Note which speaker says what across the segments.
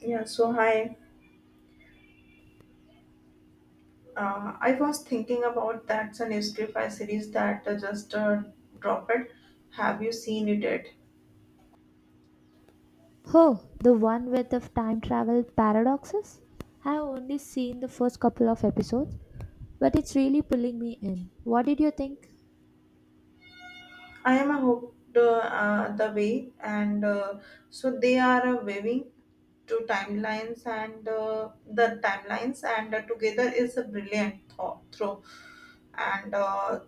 Speaker 1: Yeah, so hi. I was thinking about that the Nestify series that just dropped. Have you seen it yet?
Speaker 2: Oh, the one with the time travel paradoxes? I have only seen the first couple of episodes, but it's really pulling me in. What did you think?
Speaker 1: I am hooked, the way, and so they are waving to timelines and the timelines, and together is a brilliant thought through and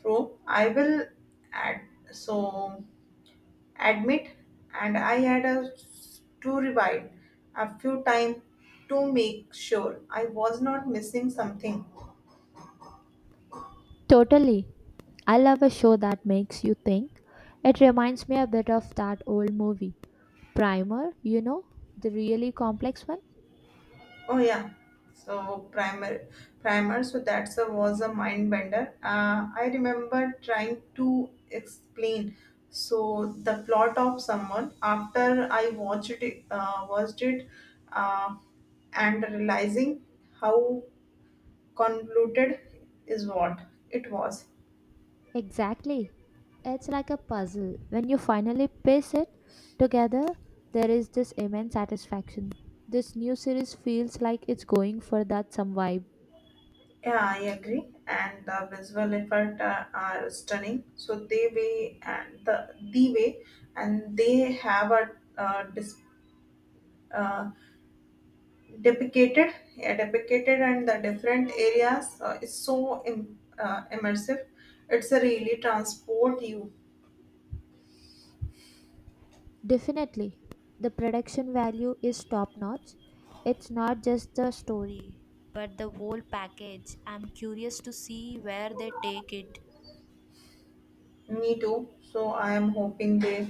Speaker 1: through. I will add so admit, and I had a, to rewind a few times to make sure I was not missing something.
Speaker 2: Totally. I love a show that makes you think. It reminds me a bit of that old movie, Primer, you know, the really complex one.
Speaker 1: Oh yeah, so primer, primer. So that's a was a mind bender. I remember trying to explain. So the plot of someone after I watched it, uh, and realizing how convoluted is what it was.
Speaker 2: Exactly. It's like a puzzle. When you finally piece it together, there is this immense satisfaction. This new series feels like it's going for that some vibe.
Speaker 1: Yeah, I agree. And the visual effect are stunning. So they way and the way and they have a uh, dis, uh, depicted, yeah, depicted and the different areas is so immersive. It's a really transport you.
Speaker 2: Definitely, the production value is top notch. It's not just the story, but the whole package. I'm curious to see where they take it.
Speaker 1: Me too. So I am hoping they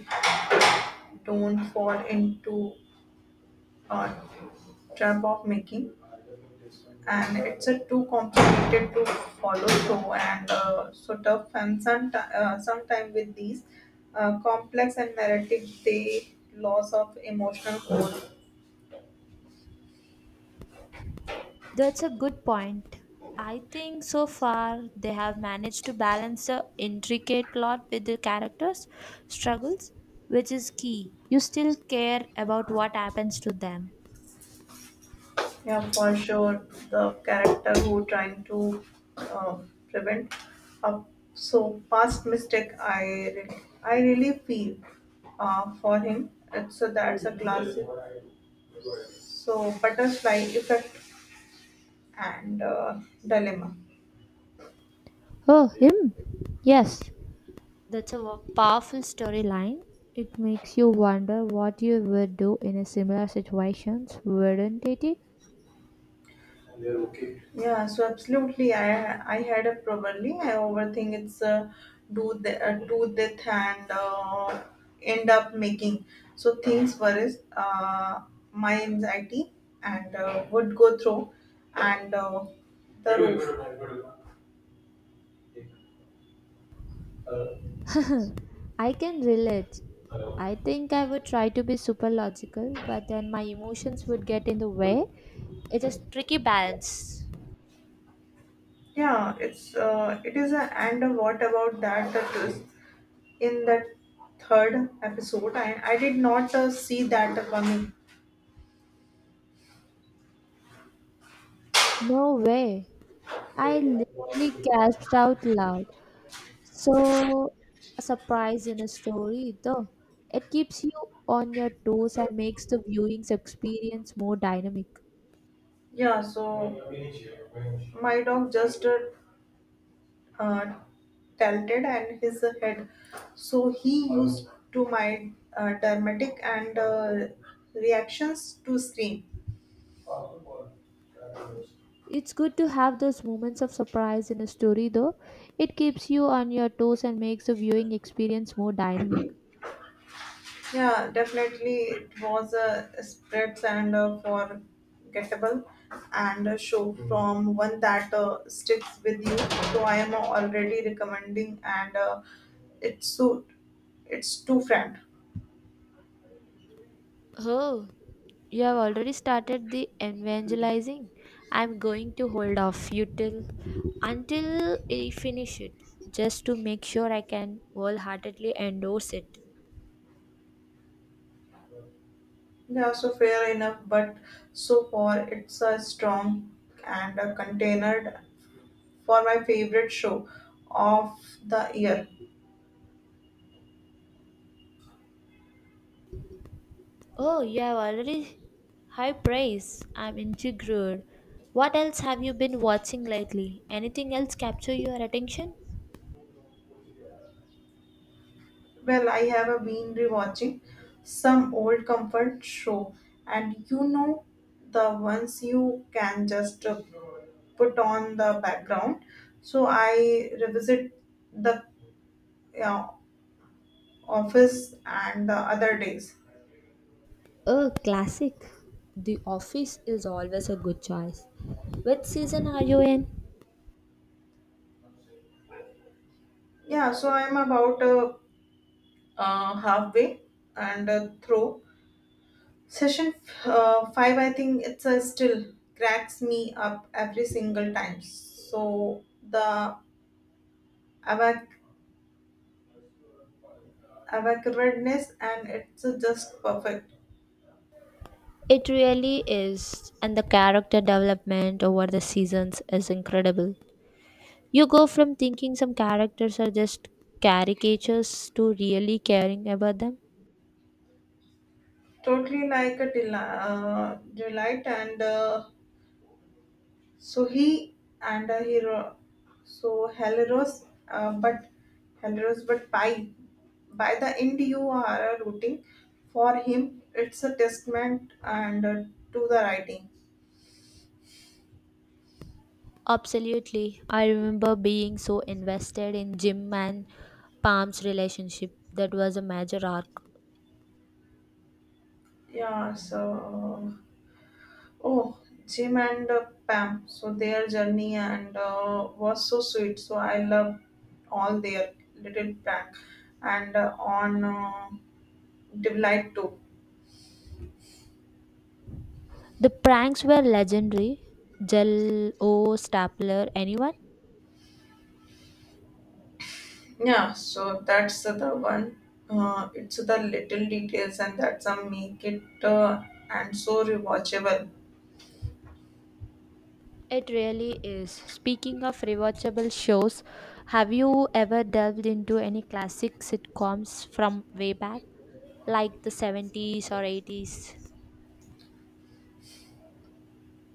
Speaker 1: don't fall into a trap of making and it's a too complicated to follow through and so tough and some sometime with these complex and narrative they loss of emotional core.
Speaker 2: That's a good point. I think so far they have managed to balance the intricate plot with the characters' struggles, which is key. You still care about what happens to them.
Speaker 1: Yeah, for sure the character who trying to uh, prevent a so past mistake I really feel for him. So that's a classic so butterfly effect and dilemma.
Speaker 2: Oh, him? Yes. That's a powerful storyline. It makes you wonder what you would do in a similar situations, wouldn't it?
Speaker 1: Yeah, so absolutely. I had a probably. I overthink it's a do the do that and end up making so things worries my anxiety and would go through and the roof.
Speaker 2: I can relate. I think I would try to be super logical, but then my emotions would get in the way. It's a tricky balance.
Speaker 1: Yeah, it is a and what about that that is in the third episode? I did not see that coming.
Speaker 2: No way. I literally gasped out loud. So, a surprise in a story, though. It keeps you on your toes and makes the viewing's experience more dynamic.
Speaker 1: Yeah, so my dog just uh, tilted and his head. So he used to my dramatic and reactions to scream.
Speaker 2: It's good to have those moments of surprise in a story, though. It keeps you on your toes and makes the viewing experience more dynamic.
Speaker 1: Yeah, definitely it was a spreads and forgettable and a show from one that sticks with you. So I am already recommending and it's so it's too friend.
Speaker 2: Oh, you have already started the evangelizing. I'm going to hold off you till until I finish it, just to make sure I can wholeheartedly endorse it.
Speaker 1: Yeah, so fair enough, but so far it's a strong and a contained for my favorite show of the year.
Speaker 2: Oh, you have already high praise. I'm intrigued. What else have you been watching lately? Anything else capture your attention?
Speaker 1: Well, I have been rewatching some old comfort show, and you know the ones you can just put on the background. So I revisit the uh, office and the other days.
Speaker 2: A classic. The Office is always a good choice. Which season are you in?
Speaker 1: Yeah, so I'm about halfway and through Session 5, I think it's still cracks me up every single time. So the evac- evasiveness and it's just perfect.
Speaker 2: It really is, and the character development over the seasons is incredible. You go from thinking some characters are just caricatures to really caring about them.
Speaker 1: Totally like a delight and so he and a hero. So Heleros, but Heleros, but by the end you are rooting for him. It's a testament and to the writing.
Speaker 2: Absolutely. I remember being so invested in Jim and Pam's relationship. That was a major arc.
Speaker 1: Yeah, so oh, Jim and Pam, so their journey and was so sweet. So I love all their little prank and on delight too.
Speaker 2: The pranks were legendary. Jell O, Stapler, anyone?
Speaker 1: Yeah, so that's the one. It's the little details and that's a make it and so rewatchable.
Speaker 2: It really is. Speaking of rewatchable shows, have you ever delved into any classic sitcoms from way back, like the 70s or 80s?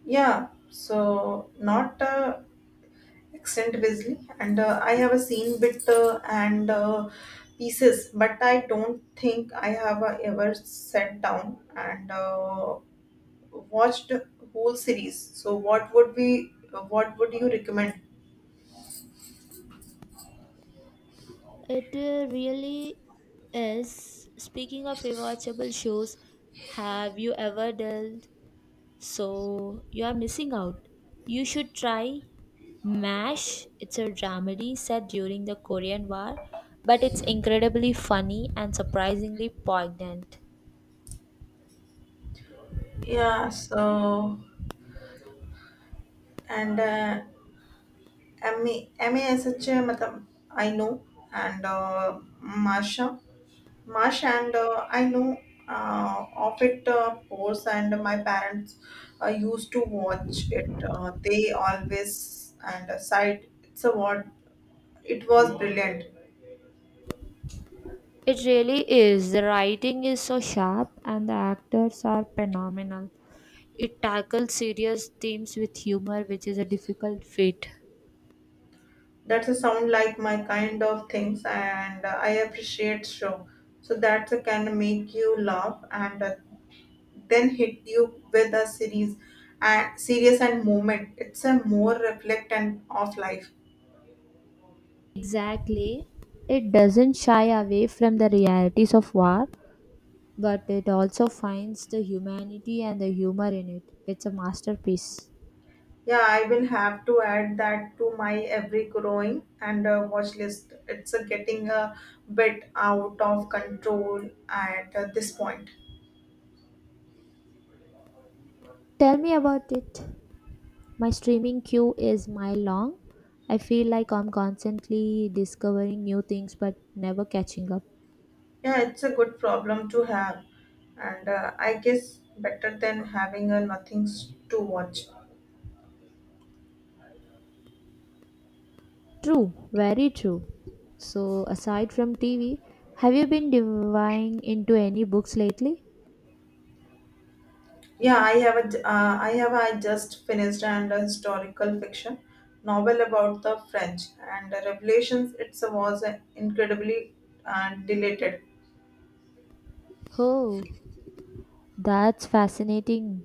Speaker 1: Yeah, so not Extent Wesley, and I have a seen bit and pieces, but I don't think I have ever sat down and watched whole series. So, what would you recommend?
Speaker 2: It really is. Speaking of rewatchable shows, have you ever delved? So you are missing out. You should try MASH. It's a dramedy set during the Korean War, but it's incredibly funny and surprisingly poignant.
Speaker 1: Yeah, so and MA मतलब I know, and Masha. Marsh and I know of it course and my parents used to watch it. They always and sighed. It's a word. It was brilliant.
Speaker 2: It really is. The writing is so sharp and the actors are phenomenal. It tackles serious themes with humor, which is a difficult feat.
Speaker 1: That's a sound like my kind of things and I appreciate show. So that can make you laugh and then hit you with a series and serious and moment. It's a more reflect and of life.
Speaker 2: Exactly. It doesn't shy away from the realities of war, but it also finds the humanity and the humor in it. It's a masterpiece.
Speaker 1: Yeah, I will have to add that to my every growing and watch list. It's getting a bit out of control at this point.
Speaker 2: Tell me about it. My streaming queue is mile long. I feel like I'm constantly discovering new things but never catching up.
Speaker 1: Yeah, it's a good problem to have, and I guess better than having nothing s- to watch.
Speaker 2: True, very true. So, aside from TV, have you been diving into any books lately?
Speaker 1: Yeah, I have a j- I have I just finished and a historical fiction novel about the French and the revelations. It was incredibly deleted.
Speaker 2: Oh, that's fascinating.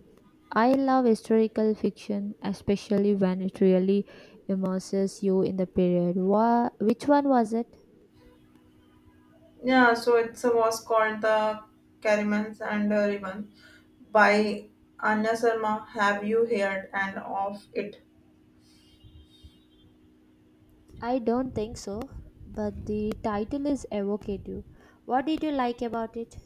Speaker 2: I love historical fiction, especially when it really immerses you in the period. Which one was it?
Speaker 1: Yeah, so it was called the Caramels and the Ribbon by Anna Sharma. Have you heard and of it?
Speaker 2: I don't think so, but the title is evocative. What did you like about it?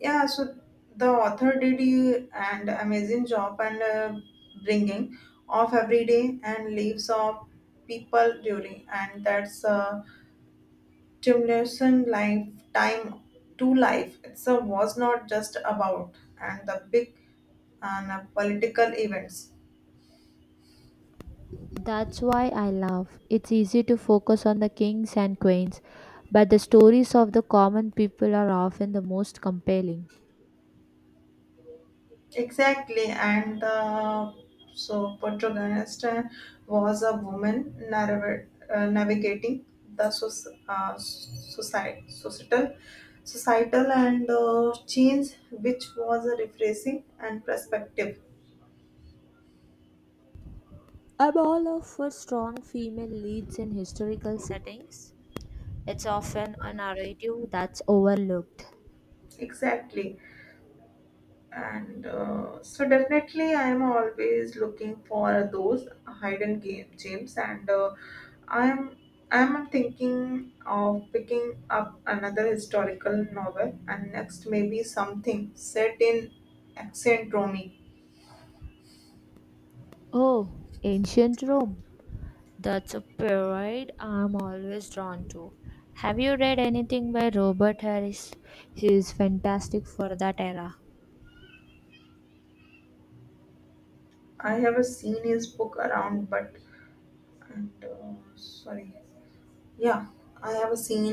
Speaker 1: Yeah, so the author did you an amazing job and bringing of everyday and lives of people during and that's a stimulation lifetime to life. It's a was not just about and the big and political events.
Speaker 2: That's why I love. It's easy to focus on the kings and queens, but the stories of the common people are often the most compelling.
Speaker 1: Exactly, and the so protagonist was a woman navigating the societal and change, which was a refreshing and perspective.
Speaker 2: I'm all up for strong female leads in historical settings. It's often a narrative that's overlooked.
Speaker 1: Exactly, and so definitely I am always looking for those hidden game gems, and i'm I'm thinking of picking up another historical novel and next maybe something set in ancient Rome.
Speaker 2: Oh, ancient Rome. That's a period I'm always drawn to. Have you read anything by Robert Harris? He is fantastic for that era.
Speaker 1: I have seen his book around but and sorry. Yeah, I have seen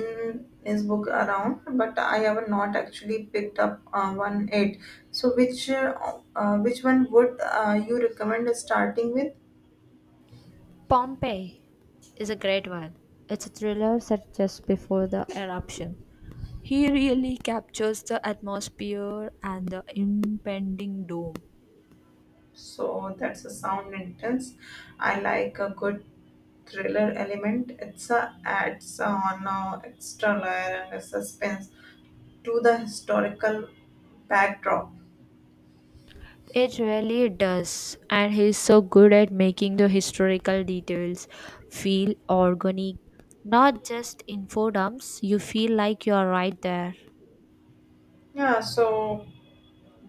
Speaker 1: his book around, but I have not actually picked up one yet. So, which one would you recommend starting with?
Speaker 2: "Pompeii" is a great one. It's a thriller set just before the eruption. He really captures the atmosphere and the impending doom.
Speaker 1: So that's a sound intense. I like a good thriller element. It's a adds on extra layer and a suspense to the historical backdrop.
Speaker 2: It really does, and he's so good at making the historical details feel organic, not just info dumps. You feel like you are right there.
Speaker 1: Yeah, so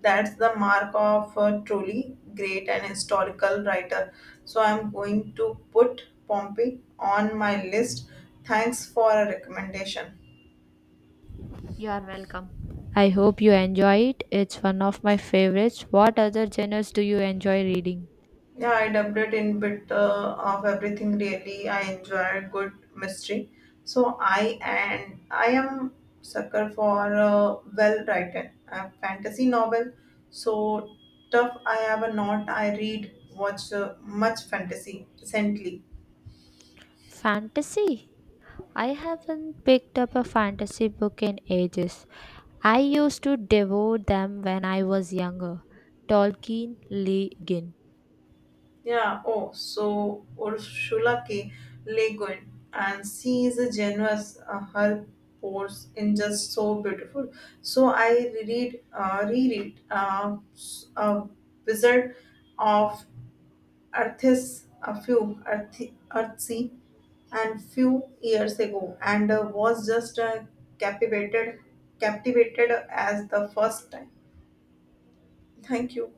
Speaker 1: that's the mark of a truly great and historical writer. So I'm going to put Pompey on my list. Thanks for a recommendation.
Speaker 2: You are welcome. I hope you enjoy it. It's one of my favorites. What other genres do you enjoy reading?
Speaker 1: Yeah, I dubbed it in bit of everything really. I enjoyed good mystery. So I am sucker for a well-written fantasy novel. So tough I have a not. I read watch much fantasy recently.
Speaker 2: Fantasy? I haven't picked up a fantasy book in ages. I used to devour them when I was younger. Tolkien, Lee
Speaker 1: Yeah, oh, so Ursula K. Le Guin, and she is a generous, her pores in just so beautiful. So reread Wizard of Earth's a few earthy, earthy and few years ago, and was just captivated, captivated as the first time. Thank you.